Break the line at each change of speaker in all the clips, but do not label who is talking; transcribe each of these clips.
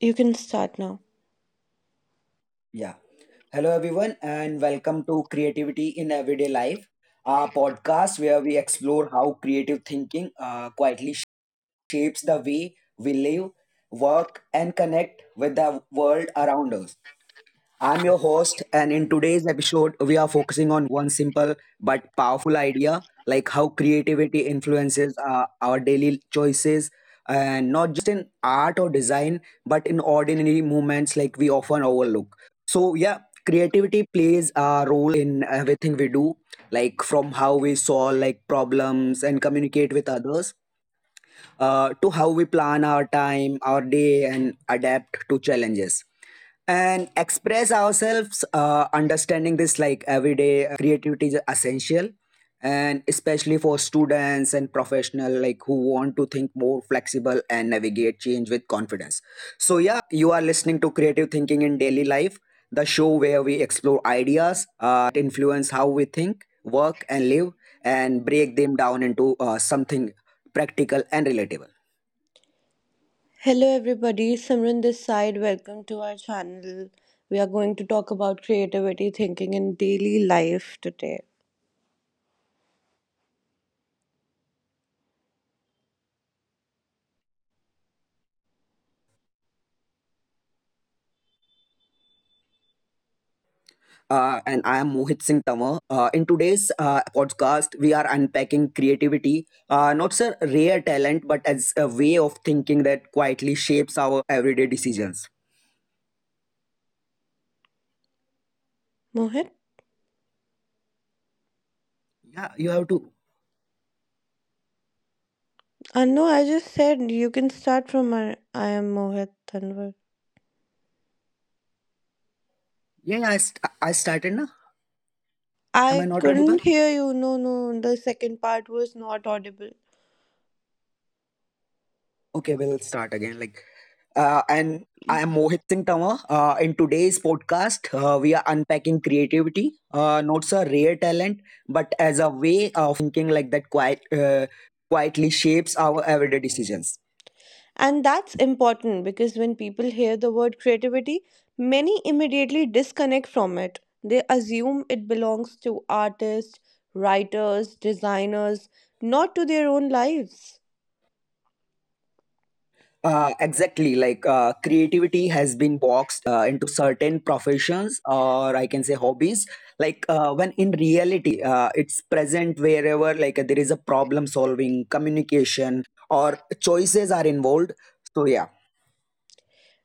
You can start now.
yeah Hello everyone, and welcome to Creativity in Everyday Life, a podcast where we explore how creative thinking quietly shapes the way we live, work, and connect with the world around us. I'm your host, and in today's episode, we are focusing on one simple but powerful idea, like how creativity influences our daily choices, and not just in art or design, but in ordinary moments like we often overlook. So, yeah, creativity plays a role in everything we do, like from how we solve like problems and communicate with others to how we plan our time, our day, and adapt to challenges and express ourselves. Understanding this like everyday creativity is essential, and especially for students and professional like who want to think more flexible and navigate change with confidence. So yeah, you are listening to Creative Thinking in Daily Life, the show where we explore ideas influence how we think, work, and live, and break them down into something practical and relatable.
Hello, everybody. Simran this side. Welcome to our channel. We are going to talk about creativity thinking in daily life today.
And I am Mohit Singh Tawar. In today's podcast, we are unpacking creativity, not as a rare talent, but as a way of thinking that quietly shapes our everyday decisions.
Mohit?
Yeah, you have to.
No, I just said you can start from my, I am Mohit Tanwar.
Yeah, yeah, I started now. Am I
I
not audible?
couldn't hear you. No, no. The second part was not audible.
Okay, we'll start again. Like, and I am Mohit Singh Tama. In today's podcast, we are unpacking creativity, not as a rare talent, but as a way of thinking like that quietly shapes our everyday decisions.
And that's important because when people hear the word creativity, many immediately disconnect from it. They assume it belongs to artists, writers, designers, not to their own lives.
Exactly, like creativity has been boxed into certain professions or I can say hobbies. Like when in reality, it's present wherever like there is a problem solving, communication, or choices are involved. So yeah.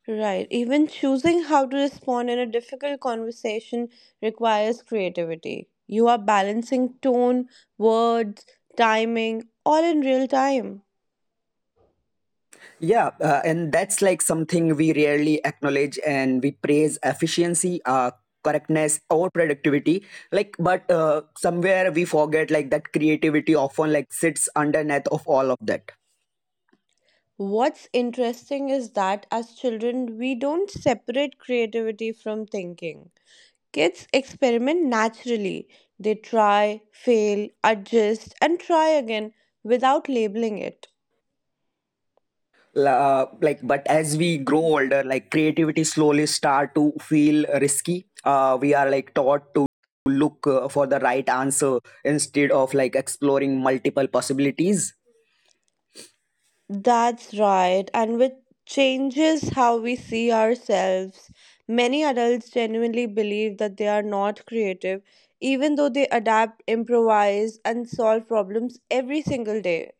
Right, even choosing how to respond in a difficult conversation requires creativity. You are balancing tone, words, timing, all in real time.
Yeah, and that's like something we rarely acknowledge, and we praise efficiency, correctness, or productivity. Like, but somewhere we forget like that creativity often like sits underneath of all of that.
What's interesting is that as children, we don't separate creativity from thinking. Kids experiment naturally. They try, fail, adjust, and try again without labeling it.
Like, but as we grow older, like creativity slowly start to feel risky. We are like taught to look for the right answer instead of like exploring multiple possibilities.
That's right, and which changes how we see ourselves. Many adults genuinely believe that they are not creative, even though they adapt, improvise, and solve problems every single day.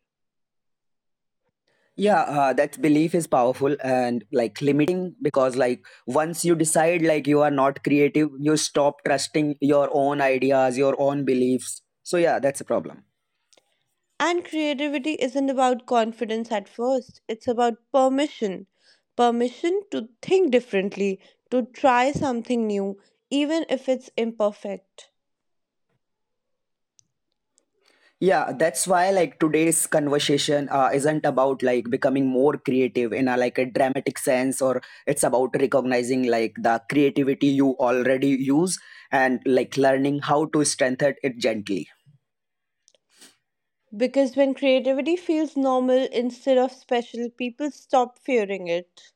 Yeah that belief is powerful and like limiting, because like once you decide like you are not creative, you stop trusting your own ideas, your own beliefs. So yeah, that's a problem.
And creativity isn't about confidence at first, it's about permission. Permission to think differently, to try something new, even if it's imperfect.
Yeah, that's why like today's conversation isn't about like becoming more creative in a like a dramatic sense, or it's about recognizing like the creativity you already use and like learning how to strengthen it gently.
Because when creativity feels normal instead of special, people stop fearing it.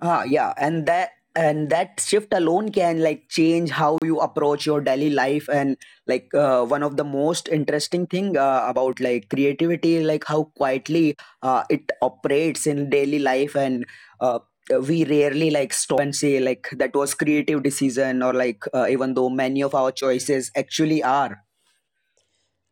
Ah, yeah, and that shift alone can like change how you approach your daily life. And like one of the most interesting thing about like creativity like how quietly it operates in daily life, and uh, we rarely like stop and say like that was creative decision, or like even though many of our choices actually are.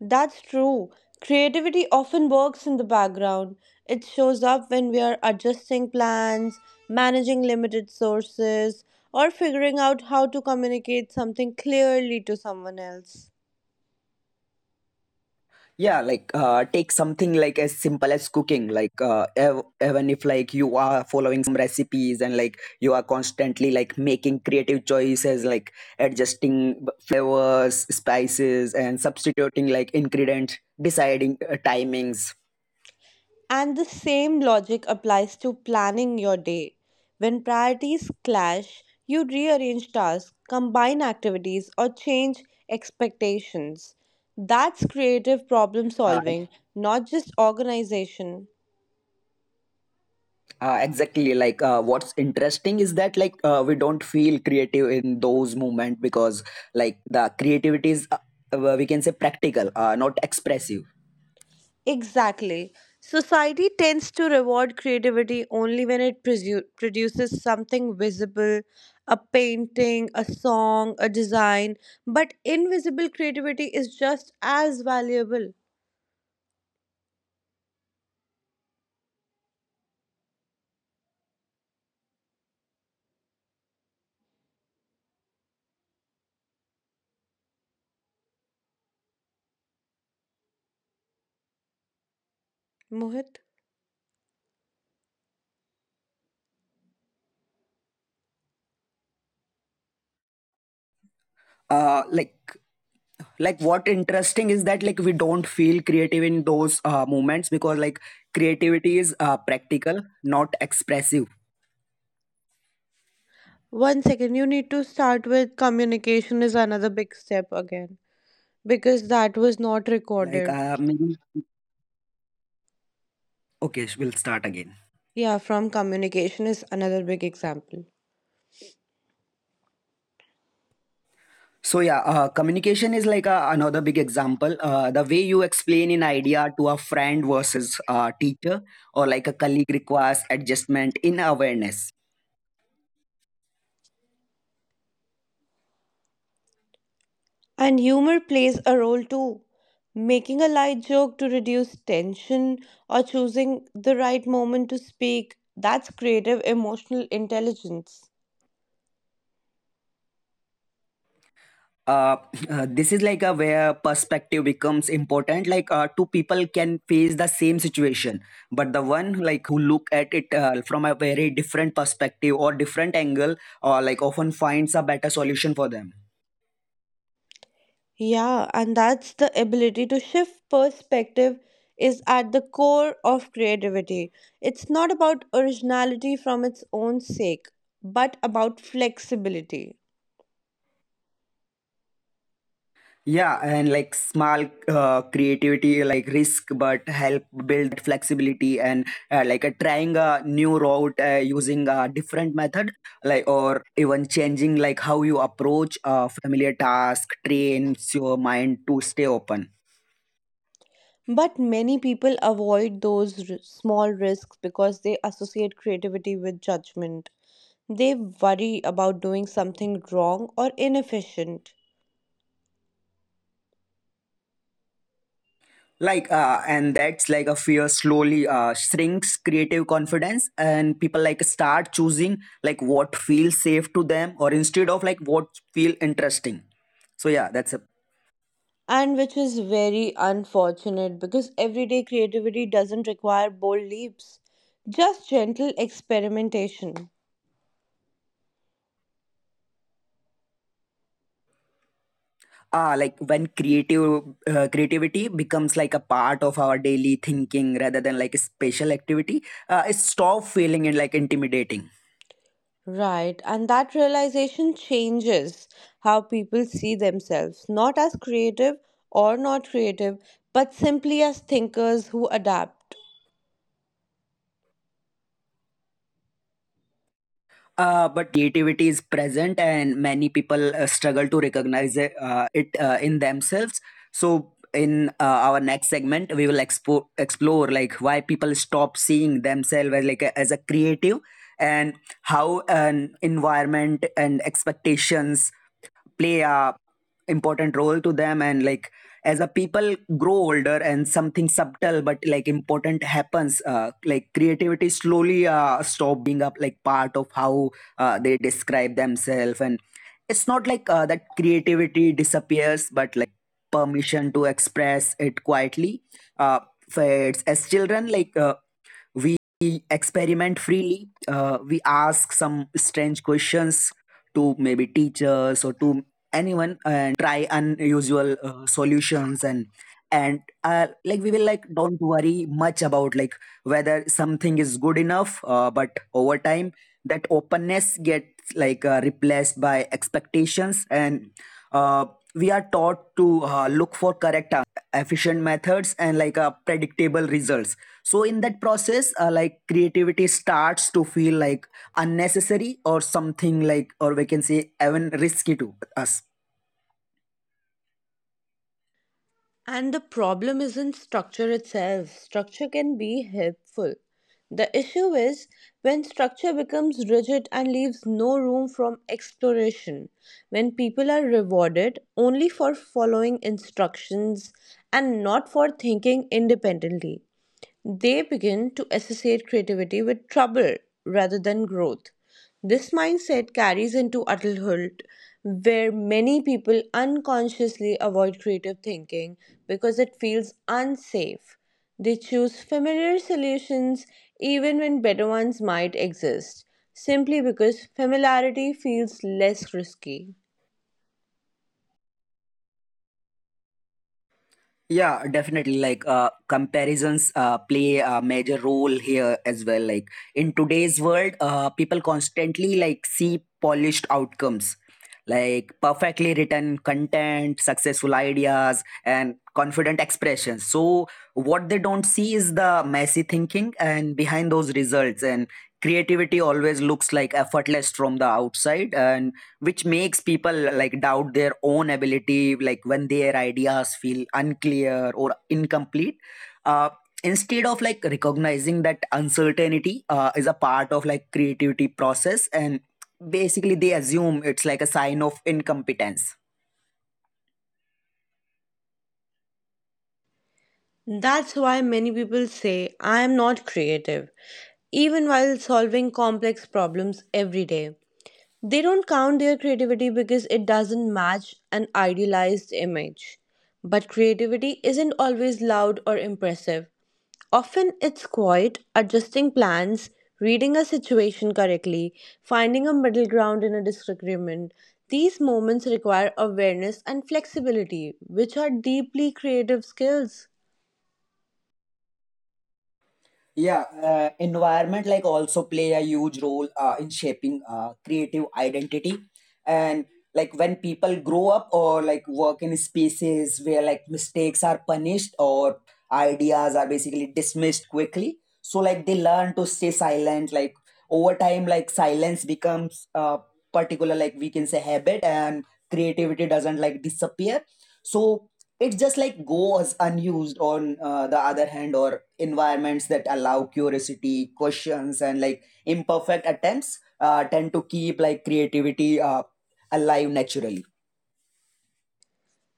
That's true. Creativity often works in the background. It shows up when we are adjusting plans, managing limited sources, or figuring out how to communicate something clearly to someone else.
Yeah, like take something like as simple as cooking. Like even if like you are following recipes and like you are constantly like making creative choices, like adjusting flavors, spices, and substituting like ingredients, deciding timings.
And the same logic applies to planning your day. When priorities clash, you rearrange tasks, combine activities, or change expectations. That's creative problem
Uh,
solving, not just organization.
exactly. Like what's interesting is that like we don't feel creative in those moments because like the creativity is we can say practical, not expressive.
Exactly. Society tends to reward creativity only when it produces something visible, a painting, a song, a design, but invisible creativity is just as valuable. Mohit,
Uh, like like what interesting is that like we don't feel creative in those moments because like creativity is practical, not expressive.
one second, you need to start with communication is another big step again because that was not
Like
recorded.
maybe okay we'll start again.
Yeah, from communication is another big example.
So yeah, communication is like a another big example. The way you explain an idea to a friend versus a teacher or like a colleague requires adjustment in awareness.
And humor plays a role too. Making a light joke to reduce tension or choosing the right moment to speak, that's creative emotional intelligence.
uh, this is like a where perspective becomes important. Like two people can face the same situation, but the one like who look at it from a very different perspective or different angle or like often finds a better solution for them.
Yeah, and that's the ability to shift perspective is at the core of creativity. It's not about originality from its own sake, but about flexibility.
Yeah, and like small creativity, like risk, but help build that flexibility. And trying a new route, using a different method, like or even changing like how you approach a familiar task trains your mind to stay open.
But many people avoid those small risks because they associate creativity with judgment. They worry about doing something wrong or inefficient.
Like and that's like a fear slowly shrinks creative confidence, and people like start choosing like what feels safe to them, or instead of like what feel interesting. So yeah, that's a
And which is very unfortunate because everyday creativity doesn't require bold leaps, just gentle experimentation.
Ah, like when creative creativity becomes like a part of our daily thinking rather than like a special activity, it stop feeling it like intimidating.
Right, and that realization changes how people see themselves, not as creative or not creative, but simply as thinkers who adapt.
But creativity is present and many people struggle to recognize it, in themselves. So in our next segment, we will explore like why people stop seeing themselves as like a, as a creative, and how an environment and expectations play a important role to them. And like as a people grow older, and something subtle but like important happens. Like creativity slowly stop being up like part of how they describe themselves, and it's not like that creativity disappears, but like permission to express it quietly uh, fades. As children, like we experiment freely, we ask some strange questions to maybe teachers or to anyone, and try unusual solutions, and like we will like don't worry much about like whether something is good enough. But over time, that openness gets like replaced by expectations, and uh, we are taught to look for correct efficient methods and like predictable results. So in that process, like creativity starts to feel like unnecessary, or something like, or we can say even risky to us.
And the problem isn't structure itself. Structure can be helpful. The issue is when structure becomes rigid and leaves no room for exploration, when people are rewarded only for following instructions and not for thinking independently. They begin to associate creativity with trouble rather than growth. This mindset carries into adulthood, where many people unconsciously avoid creative thinking because it feels unsafe. They choose familiar solutions even when better ones might exist, simply because familiarity feels less risky.
Yeah, definitely. Like comparisons play a major role here as well. Like in today's world, people constantly like see polished outcomes, like perfectly written content, successful ideas, and confident expressions. So what they don't see is the messy thinking and behind those results. And creativity always looks like effortless from the outside, and which makes people like doubt their own ability like when their ideas feel unclear or incomplete. uh, Instead of like recognizing that uncertainty is a part of like creativity process, and basically they assume it's like a sign of incompetence.
That's why many people say, I am not creative, even while solving complex problems every day. They don't count their creativity because it doesn't match an idealized image. But creativity isn't always loud or impressive. Often it's quiet, adjusting plans, reading a situation correctly, finding a middle ground in a disagreement. These moments require awareness and flexibility, which are deeply creative skills.
Yeah, environment like also play a huge role in shaping creative identity. And like when people grow up or like work in spaces where like mistakes are punished or ideas are basically dismissed quickly, so like they learn to stay silent. Like over time, like silence becomes a particular like we can say habit, and creativity doesn't like disappear. So it's just like goes unused on the other hand, or environments that allow curiosity, questions, and like imperfect attempts tend to keep like creativity alive naturally.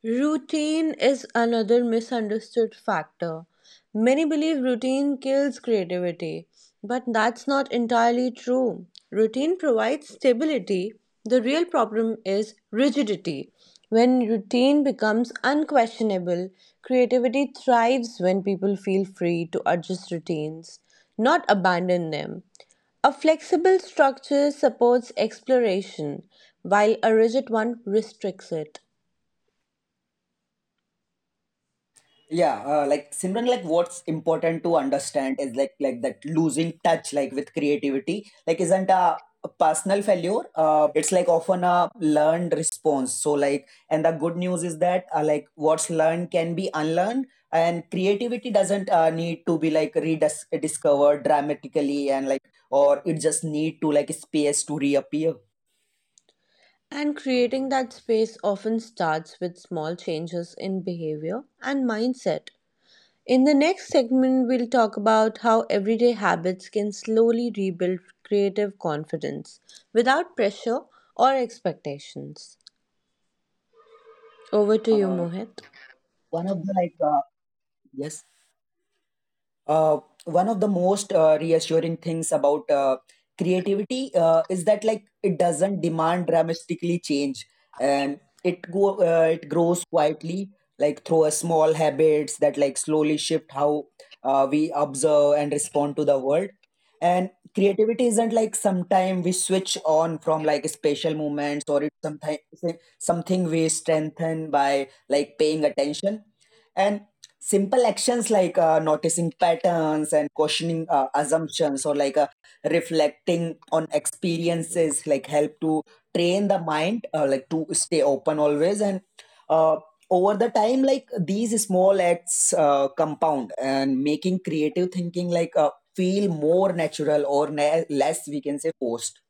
Routine is another misunderstood factor. Many believe routine kills creativity, but that's not entirely true. Routine provides stability. The real problem is rigidity. When routine becomes unquestionable, creativity thrives when people feel free to adjust routines, not abandon them. A flexible structure supports exploration, while a rigid one restricts it.
Yeah, like Simran, like what's important to understand is like that losing touch, like with creativity, isn't a personal failure. It's like often a learned response. So like, and the good news is that like what's learned can be unlearned, and creativity doesn't need to be like rediscovered dramatically, and like or it just need to like space to reappear.
And creating that space often starts with small changes in behavior and mindset. In the next segment, we'll talk about how everyday habits can slowly rebuild creative confidence without pressure or expectations. Over to you,
Uh,
Mohit.
one of the like Yes. Uh, One of the most reassuring things about creativity is that like it doesn't demand dramatically change, and it grows quietly like through a small habits that like slowly shift how we observe and respond to the world. And creativity isn't like sometime we switch on from like special moments, or it's sometimes something we strengthen by like paying attention, and simple actions like noticing patterns and questioning assumptions, or like reflecting on experiences like help to train the mind like to stay open always. And uh, over the time, like these small acts compound, and making creative thinking like feel more natural, or less we can say forced.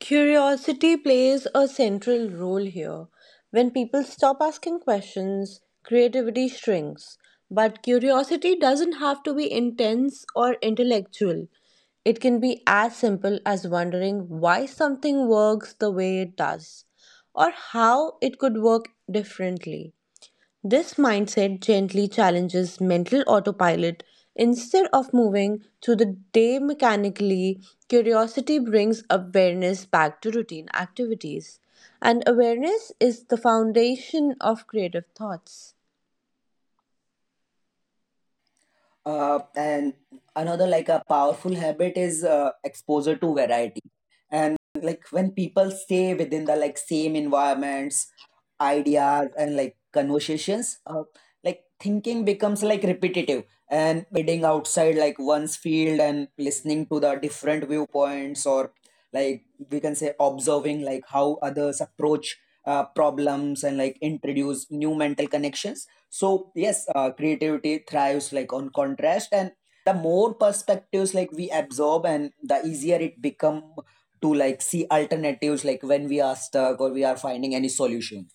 Curiosity plays a central role here. When people stop asking questions, creativity shrinks. But curiosity doesn't have to be intense or intellectual. It can be as simple as wondering why something works the way it does, or how it could work differently. This mindset gently challenges mental autopilot. Instead of moving through the day mechanically, curiosity brings awareness back to routine activities. And awareness is the foundation of creative thoughts.
And another like a powerful habit is exposure to variety. And like when people stay within the like same environments, ideas, and like conversations, like thinking becomes like repetitive. And reading outside like one's field and listening to the different viewpoints, or like we can say observing like how others approach problems and like introduce new mental connections. So yes, creativity thrives like on contrast, and the more perspectives like we absorb, and the easier it become to like see alternatives like when we are stuck or we are finding any solution.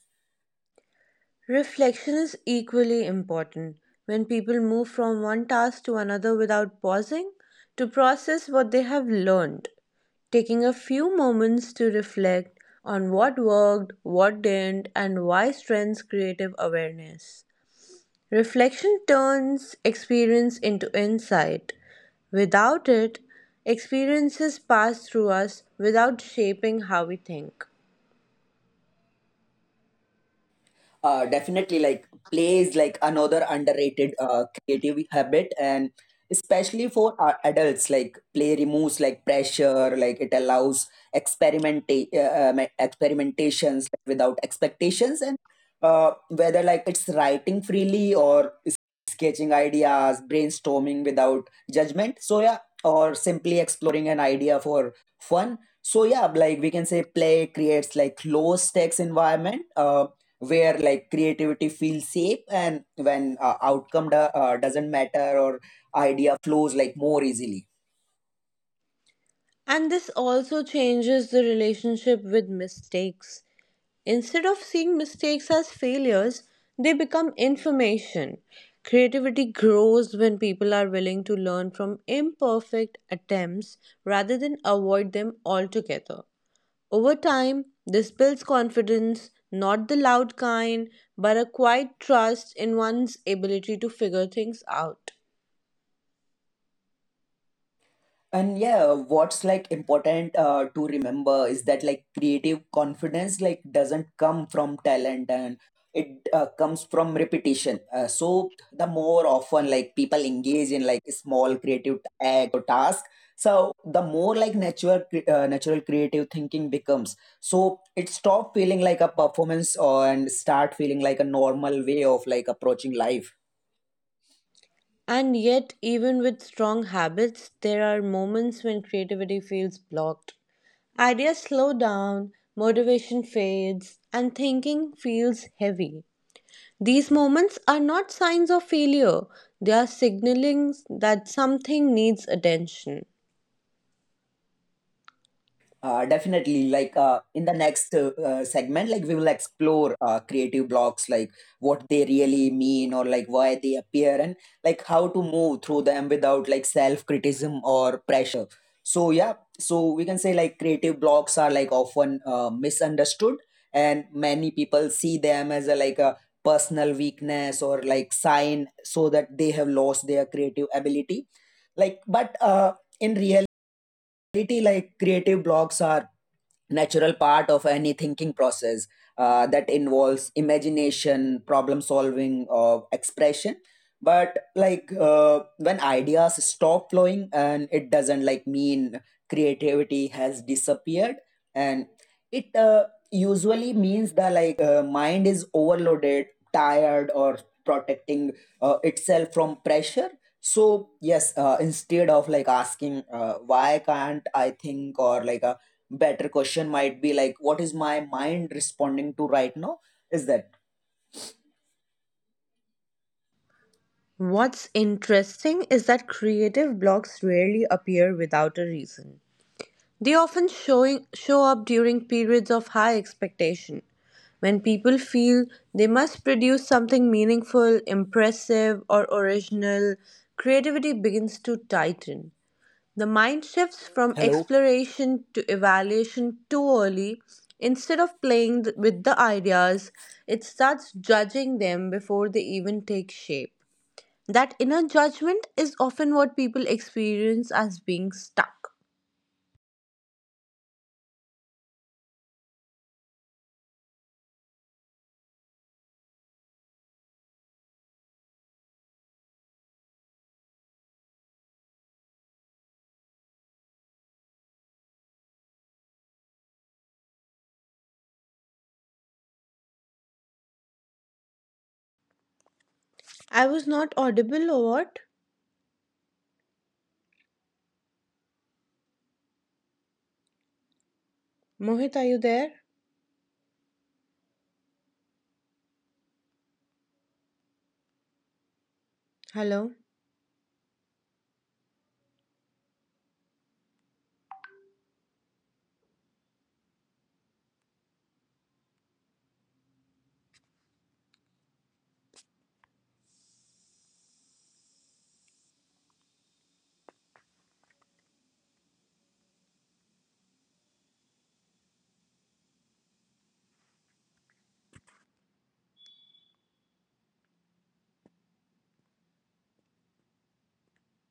Reflection is equally important. When people move from one task to another without pausing to process what they have learned, taking a few moments to reflect on what worked, what didn't, and why strengthens creative awareness. Reflection turns experience into insight. Without it, experiences pass through us without shaping how we think.
Definitely, like play is like another underrated creative habit, and especially for adults, like play removes like pressure. Like it allows experimentations, like without expectations, and whether like it's writing freely or sketching ideas, brainstorming without judgment, so yeah, or simply exploring an idea for fun. So yeah, like we can say play creates like low stakes environment where like creativity feels safe, and when outcome doesn't matter, or idea flows like more easily.
And this also changes the relationship with mistakes. Instead of seeing mistakes as failures, they become information. Creativity grows when people are willing to learn from imperfect attempts rather than avoid them altogether. Over time, this builds confidence, not the loud kind, but a quiet trust in one's ability to figure things out.
And yeah, what's like important to remember is that like creative confidence like doesn't come from talent, and it comes from repetition. So the more often like people engage in like small creative acts or tasks, so the more like natural natural creative thinking becomes. So it stop feeling like a performance or, and start feeling like a normal way of like approaching life.
And yet, even with strong habits, there are moments when creativity feels blocked. Ideas slow down, motivation fades, and thinking feels heavy. These moments are not signs of failure, they are signaling that something needs attention.
Definitely. Like in the next segment, like we will explore creative blocks, like what they really mean or like why they appear, and like how to move through them without like self criticism or pressure. So yeah, so we can say like creative blocks are like often misunderstood, and many people see them as a like a personal weakness or like sign so that they have lost their creative ability. Like, but in reality, like creative blocks are natural part of any thinking process that involves imagination, problem solving, or expression. But like when ideas stop flowing, and it doesn't like mean creativity has disappeared, and it usually means that like mind is overloaded, tired, or protecting itself from pressure. So yes, instead of like asking why can't I think, or like better question might be like what is my mind responding to right now. Is that
What's interesting is that creative blocks rarely appear without a reason. They often show up during periods of high expectation, when people feel they must produce something meaningful, impressive, or original. Creativity begins to tighten. The mind shifts from
hello?
exploration to evaluation too early. Instead of playing with the ideas, it starts judging them before they even take shape. That inner judgment is often what people experience as being stuck. I was not audible or what? Mohit, are you there? Hello?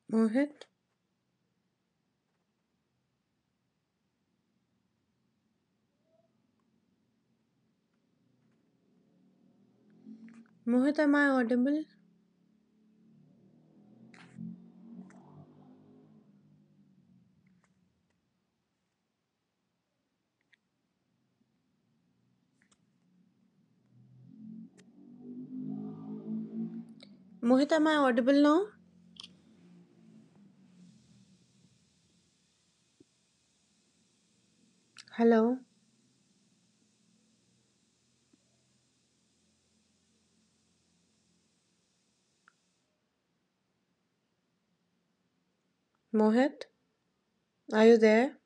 Mohit? Mohit, am I audible? Mohit, am I audible now? Hello? Mohit, are you there?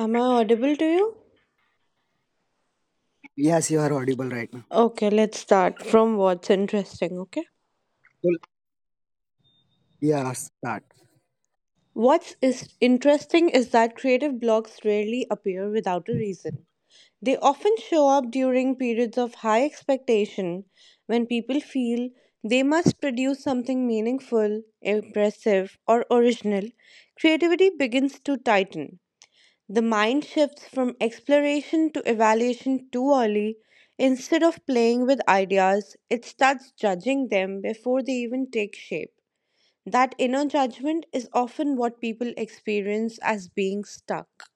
Am I audible to you?
Yes, you are audible right now.
Okay, let's start from what's interesting, okay?
So yeah, start.
What's is interesting is that creative blocks rarely appear without a reason. They often show up during periods of high expectation when people feel they must produce something meaningful, impressive, or original. Creativity begins to tighten. The mind shifts from exploration to evaluation too early. Instead of playing with ideas, it starts judging them before they even take shape. That inner judgment is often what people experience as being stuck.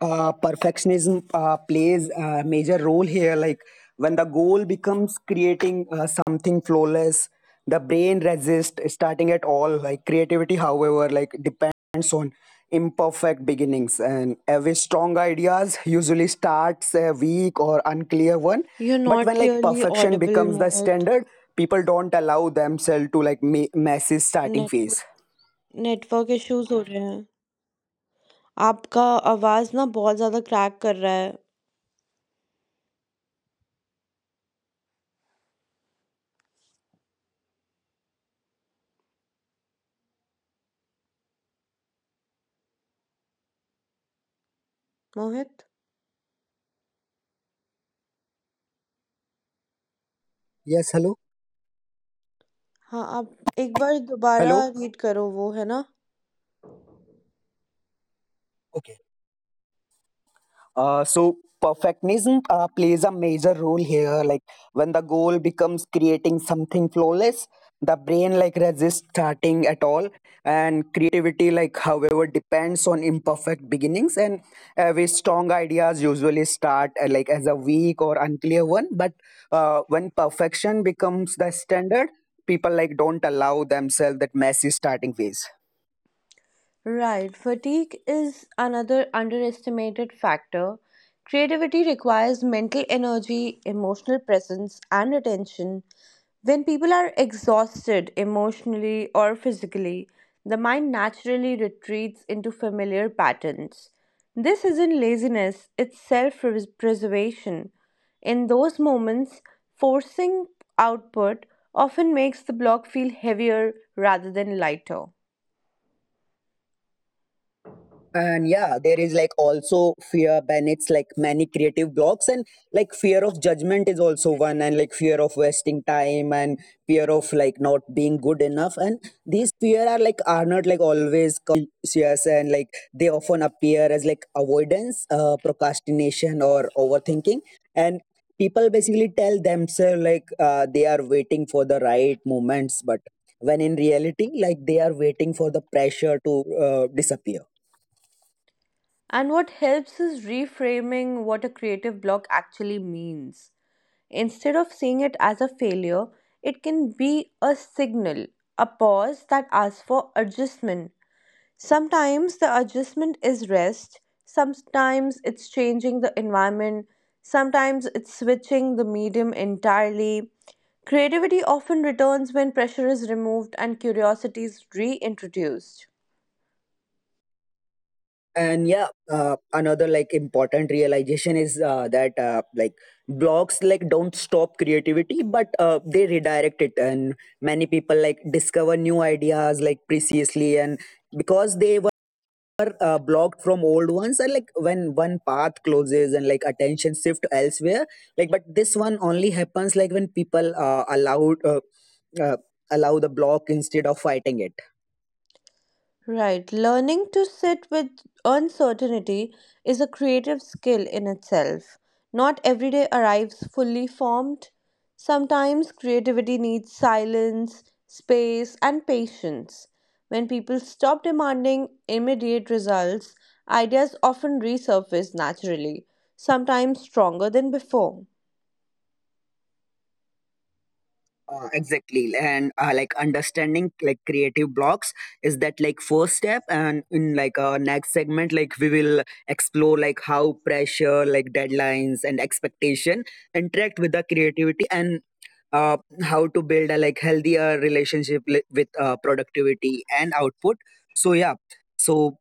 Perfectionism plays a major role here. Like when the goal becomes creating something flawless, the brain resists starting at all. Like creativity, however, like depends on imperfect beginnings, and every strong ideas usually starts a weak or unclear one.
You're
But
not
when like
clearly
perfection
audible,
becomes the
Mohit.
standard, people don't allow themselves to like messy starting phase.
Network, network issues हो रहे हैं आपका आवाज ना बहुत ज्यादा crack कर रहा है मोहित
Yes, hello.
हाँ आप एक बार दोबारा
Hello.
रीड करो वो है ना.
So perfectionism plays a major role here. Like when the goal becomes creating something flawless, the brain like resists starting at all, and creativity like however depends on imperfect beginnings. And every strong ideas usually start like as a weak or unclear one. But when perfection becomes the standard, people like don't allow themselves that messy starting phase.
Right, fatigue is another underestimated factor. Creativity requires mental energy, emotional presence, and attention. When people are exhausted emotionally or physically, the mind naturally retreats into familiar patterns. This isn't laziness, it's self preservation. In those moments, forcing output often makes the block feel heavier rather than lighter.
And yeah, there is like also fear bennett's like many creative blocks, and like fear of judgment is also one, and like fear of wasting time, and fear of like not being good enough. And these fear are not like always conscious, and like they often appear as like avoidance, procrastination, or overthinking. And people basically tell themselves like they are waiting for the right moments, but when in reality like they are waiting for the pressure to disappear.
And what helps is reframing what a creative block actually means. Instead of seeing it as a failure, it can be a signal, a pause that asks for adjustment. Sometimes the adjustment is rest, sometimes it's changing the environment, sometimes it's switching the medium entirely. Creativity often returns when pressure is removed and curiosity is reintroduced.
And yeah, another like important realization is that like blocks like don't stop creativity, but they redirect it, and many people like discover new ideas like preciously, and because they were blocked from old ones. And like when one path closes, and like attention shift elsewhere. Like but this one only happens like when people uh, allow the block instead of fighting it.
Right. Learning to sit with uncertainty is a creative skill in itself. Not every day arrives fully formed. Sometimes creativity needs silence, space, and patience. When people stop demanding immediate results, ideas often resurface naturally, sometimes stronger than before.
Exactly, and like understanding like creative blocks is that like first step, and in like our next segment, like we will explore like how pressure, like deadlines and expectation, interact with the creativity, and uh, how to build a like healthier relationship with productivity and output. So yeah, so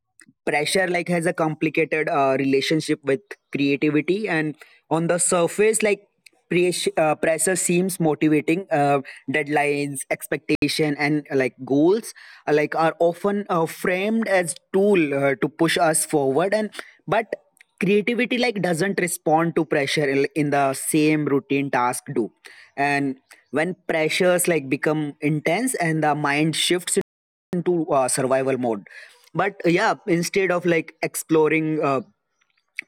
pressure like has a complicated relationship with creativity, and on the surface like pressure seems motivating. Deadlines, expectation, and like goals like are often framed as tool to push us forward. And but creativity like doesn't respond to pressure in the same routine task do. And when pressures like become intense, and the mind shifts into survival mode. But yeah, instead of like exploring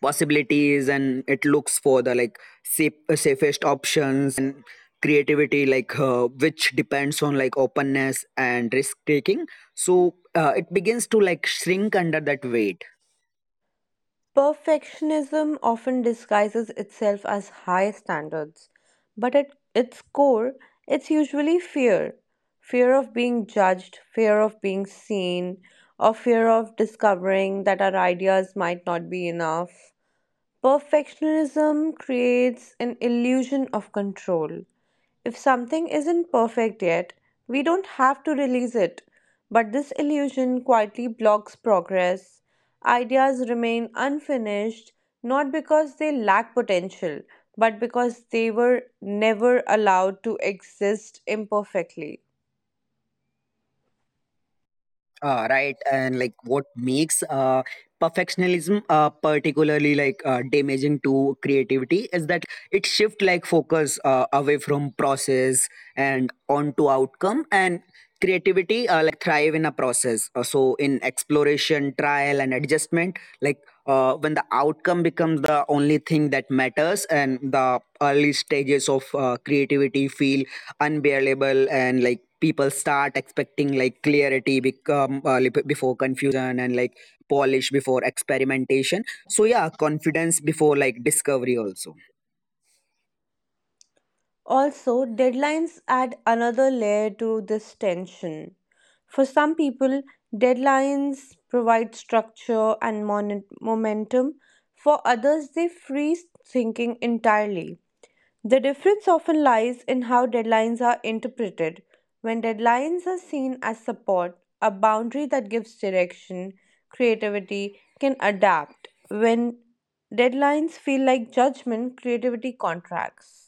possibilities, and it looks for the like safest options. And creativity like which depends on like openness and risk taking, so it begins to like shrink under that weight.
Perfectionism often disguises itself as high standards, but at its core, it's usually fear of being judged, fear of being seen, or fear of discovering that our ideas might not be enough. Perfectionism creates an illusion of control. If something isn't perfect yet, we don't have to release it. But this illusion quietly blocks progress. Ideas remain unfinished not because they lack potential, but because they were never allowed to exist imperfectly.
Right, and like what makes perfectionism particularly like damaging to creativity is that it shift like focus away from process and onto outcome. And creativity like thrive in a process. So in exploration, trial, and adjustment, like when the outcome becomes the only thing that matters, and the early stages of creativity feel unbearable. And like people start expecting like clarity become before confusion, and like polish before experimentation. So yeah, confidence before like discovery also.
Also, deadlines add another layer to this tension. For some people, deadlines provide structure and momentum. For others, they freeze thinking entirely. The difference often lies in how deadlines are interpreted. When deadlines are seen as support, a boundary that gives direction, creativity can adapt. When deadlines feel like judgment, creativity contracts.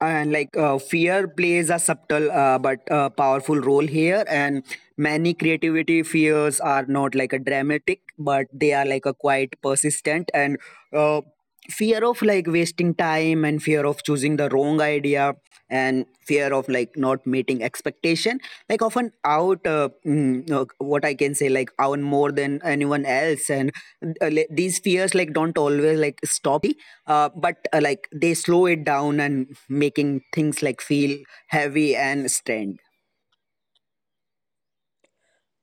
And like fear plays a subtle but powerful role here. And many creativity fears are not like a dramatic, but they are like a quite persistent. And uh, fear of like wasting time, and fear of choosing the wrong idea, and fear of like not meeting expectation like often out mm, what I can say like out more than anyone else. And these fears like don't always like stop, but like they slow it down, and making things like feel heavy and strained.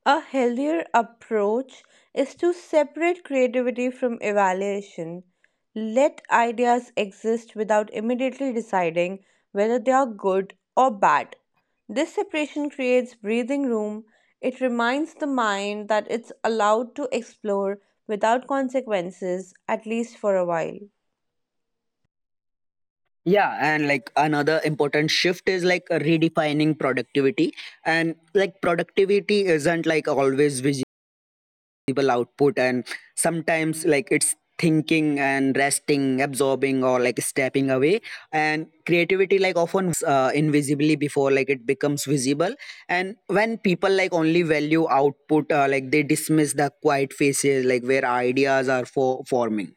A healthier approach is to separate creativity from evaluation. Let ideas exist without immediately deciding whether they are good or bad. This separation creates breathing room. It reminds the mind that it's allowed to explore without consequences, at least for a while.
Yeah, and like another important shift is like redefining productivity. And like productivity isn't like always visible output, and sometimes like it's thinking and resting, absorbing, or like stepping away. And creativity like often invisibly before like it becomes visible. And when people like only value output, like they dismiss the quiet phases like where ideas are forming.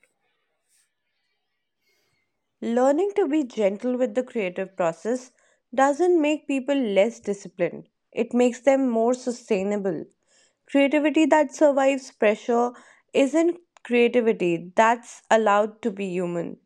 Learning to be gentle with the creative process doesn't make people less disciplined, it makes them more sustainable. Creativity that survives pressure isn't creativity that's allowed to be human.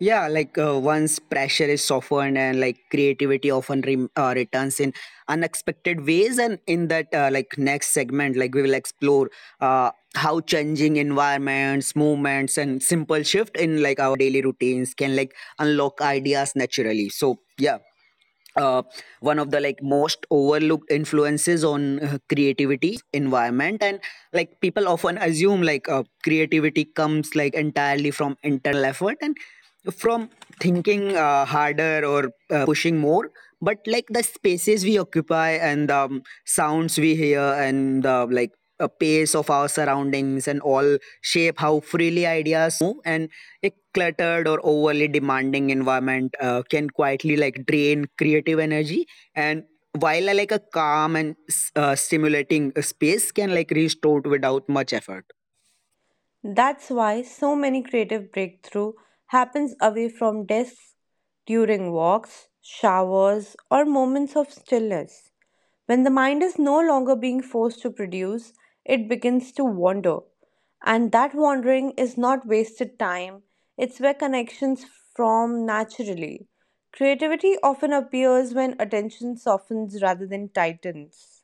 Yeah, like once pressure is softened, and like creativity often returns in unexpected ways. And in that, like next segment, like we will explore uh, how changing environments, movements, and simple shift in like our daily routines can like unlock ideas naturally. So, yeah, uh, one of the like most overlooked influences on creativity environment, and like people often assume like creativity comes like entirely from internal effort, and from thinking harder or pushing more. But like the spaces we occupy, and the sounds we hear, and the like a pace of our surroundings, and all shape how freely ideas move. And a cluttered or overly demanding environment can quietly like drain creative energy, and while like a calm and stimulating space can like restore it without much effort.
That's why so many creative breakthrough happens away from desks during walks, showers, or moments of stillness. When the mind is no longer being forced to produce, it begins to wander. And that wandering is not wasted time, it's where connections form naturally. Creativity often appears when attention softens rather than tightens.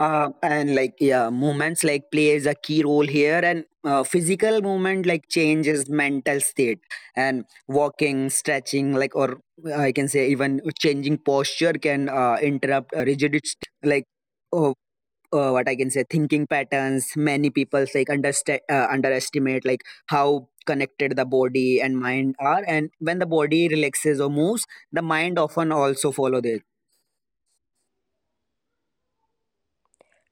And like yeah, movements like plays a key role here. And physical movement like changes mental state. And walking, stretching, like or I can say even changing posture can interrupt a rigid like oh, what I can say thinking patterns. Many people like understand underestimate like how connected the body and mind are, and when the body relaxes or moves, the mind often also follow this.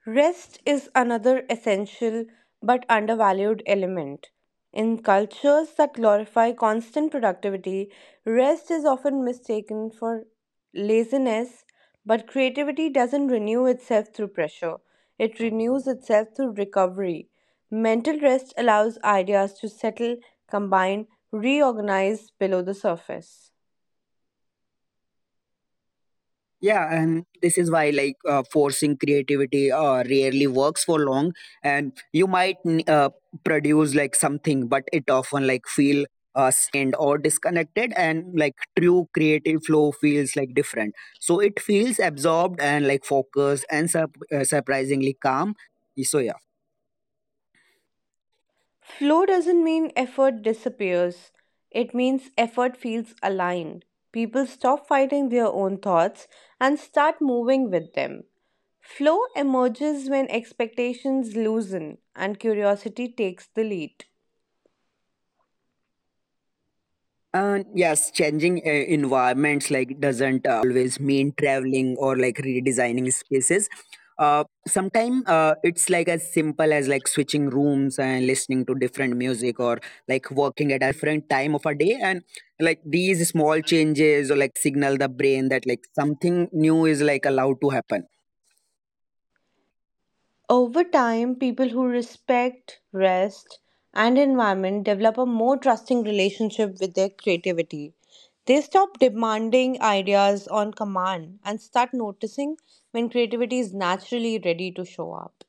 Rest is another essential but undervalued element. In cultures that glorify constant productivity, rest is often mistaken for laziness, but creativity doesn't renew itself through pressure, it renews itself through recovery. Mental rest allows ideas to settle, combine, reorganize below the surface.
Yeah, and this is why like forcing creativity rarely works for long, and you might produce like something, but it often like feel strained or disconnected, and like true creative flow feels like different. So it feels absorbed, and like focused, and surprisingly calm. So yeah.
Flow doesn't mean effort disappears, it means effort feels aligned. People stop fighting their own thoughts and start moving with them. Flow emerges when expectations loosen and curiosity takes the lead.
Yes, changing environments like doesn't always mean traveling or like redesigning spaces. Sometimes it's like as simple as like switching rooms, and listening to different music, or like working at a different time of a day. And like these small changes, or like signal the brain that like something new is like allowed to happen.
Over time, people who respect rest and environment develop a more trusting relationship with their creativity. They stop demanding ideas on command and start noticing when creativity is naturally ready to show up.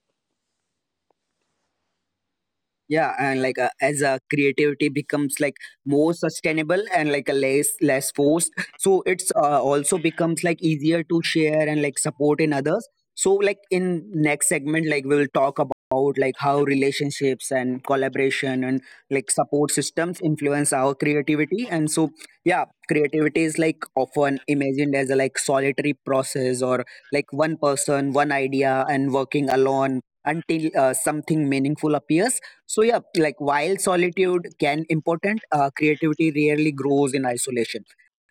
Yeah, and like as a creativity becomes like more sustainable, and like a less forced, so it's also becomes like easier to share, and like support in others. So like in next segment, like we'll talk about like how relationships, and collaboration, and like support systems influence our creativity. And so yeah, creativity is like often imagined as a like solitary process, or like one person one idea, and working alone until something meaningful appears. So yeah, like while solitude can important, creativity rarely grows in isolation.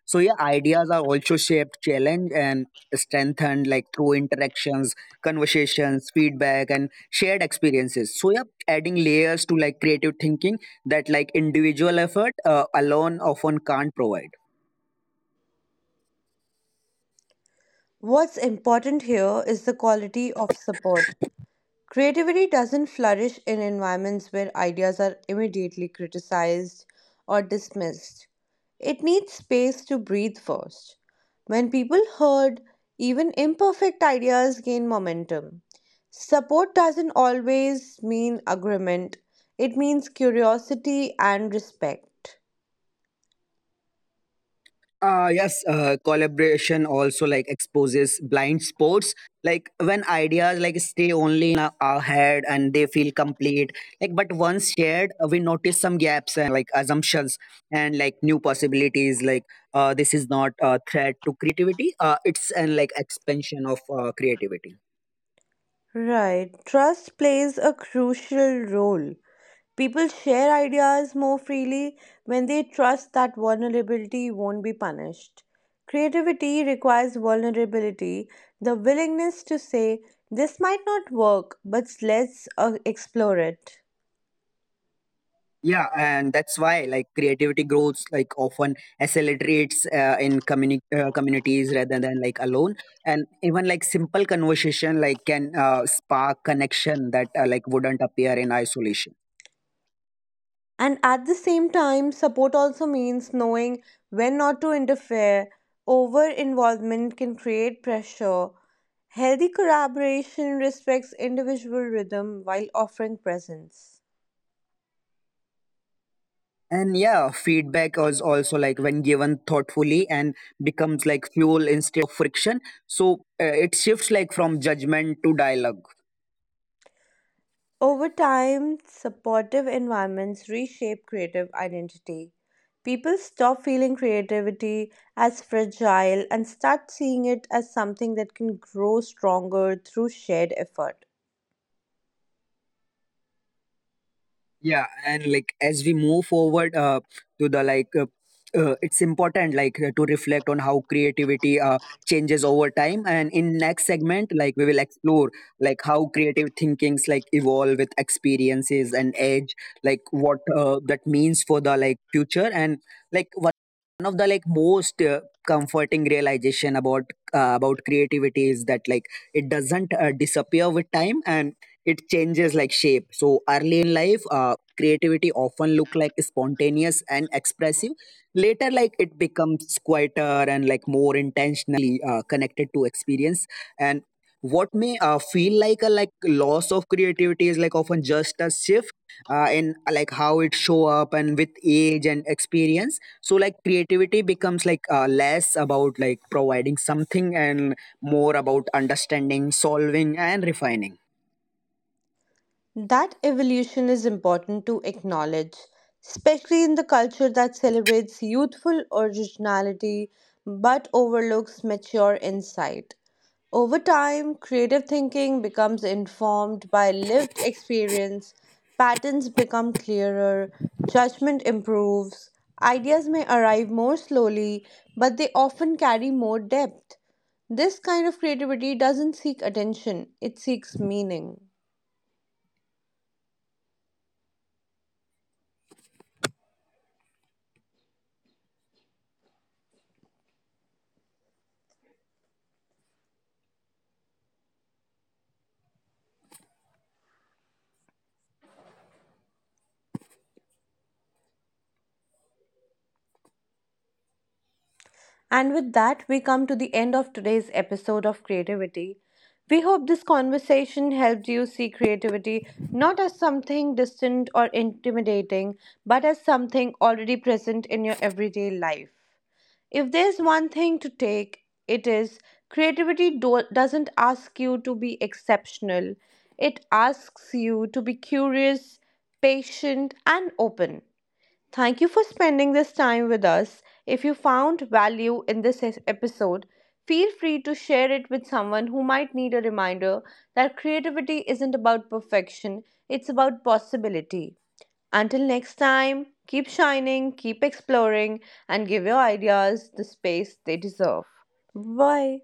So yeah, ideas are also shaped, challenged, and strengthened like through interactions, conversations, feedback, and shared experiences. So yeah, adding layers to like creative thinking that like individual effort alone often can't provide.
What's important here is the quality of support. Creativity doesn't flourish in environments where ideas are immediately criticized or dismissed. It needs space to breathe first. When people heard, even imperfect ideas gain momentum. Support doesn't always mean agreement, it means curiosity and respect.
Yes, collaboration also like exposes blind spots. Like when ideas like stay only our head, and they feel complete. Like, but once shared, we notice some gaps, and like assumptions, and like new possibilities. Like, this is not a threat to creativity. It's an like expansion of creativity.
Right, trust plays a crucial role. People share ideas more freely when they trust that vulnerability won't be punished. Creativity requires vulnerability, the willingness to say, This might not work, but let's explore it.
Yeah, and that's why like creativity grows, like often accelerates in communities rather than like alone, and even like simple conversation like can spark connection that like wouldn't appear in isolation.
And at the same time, support also means knowing when not to interfere. Over involvement can create pressure. Healthy collaboration respects individual rhythm while offering presence.
And yeah, feedback is also like when given thoughtfully, and becomes like fuel instead of friction. So it shifts like from judgment to dialogue.
Over time, supportive environments reshape creative identity. People stop feeling creativity as fragile and start seeing it as something that can grow stronger through shared effort.
Yeah, and like as we move forward to the like it's important like to reflect on how creativity changes over time. And in next segment, like we will explore like how creative thinkings like evolve with experiences and age, like what that means for the like future. And like one of the like most comforting realization about creativity is that like it doesn't disappear with time, and it changes like shape. So early in life, creativity often look like spontaneous and expressive. Later like it becomes quieter, and like more intentional, connected to experience. And what may feel like a like loss of creativity is like often just a shift in like how it show up. And with age and experience, so like creativity becomes like less about like providing something, and more about understanding, solving, and refining.
That evolution is important to acknowledge, especially in the culture that celebrates youthful originality but overlooks mature insight. Over time, creative thinking becomes informed by lived experience, patterns become clearer, judgment improves, ideas may arrive more slowly, but they often carry more depth. This kind of creativity doesn't seek attention, it seeks meaning. And with that, we come to the end of today's episode of Creativity. We hope this conversation helped you see creativity not as something distant or intimidating, but as something already present in your everyday life. If there's one thing to take, it is creativity doesn't ask you to be exceptional, it asks you to be curious, patient, and open. Thank you for spending this time with us. If you found value in this episode, feel free to share it with someone who might need a reminder that creativity isn't about perfection, it's about possibility. Until next time, keep shining, keep exploring, and give your ideas the space they deserve. Bye.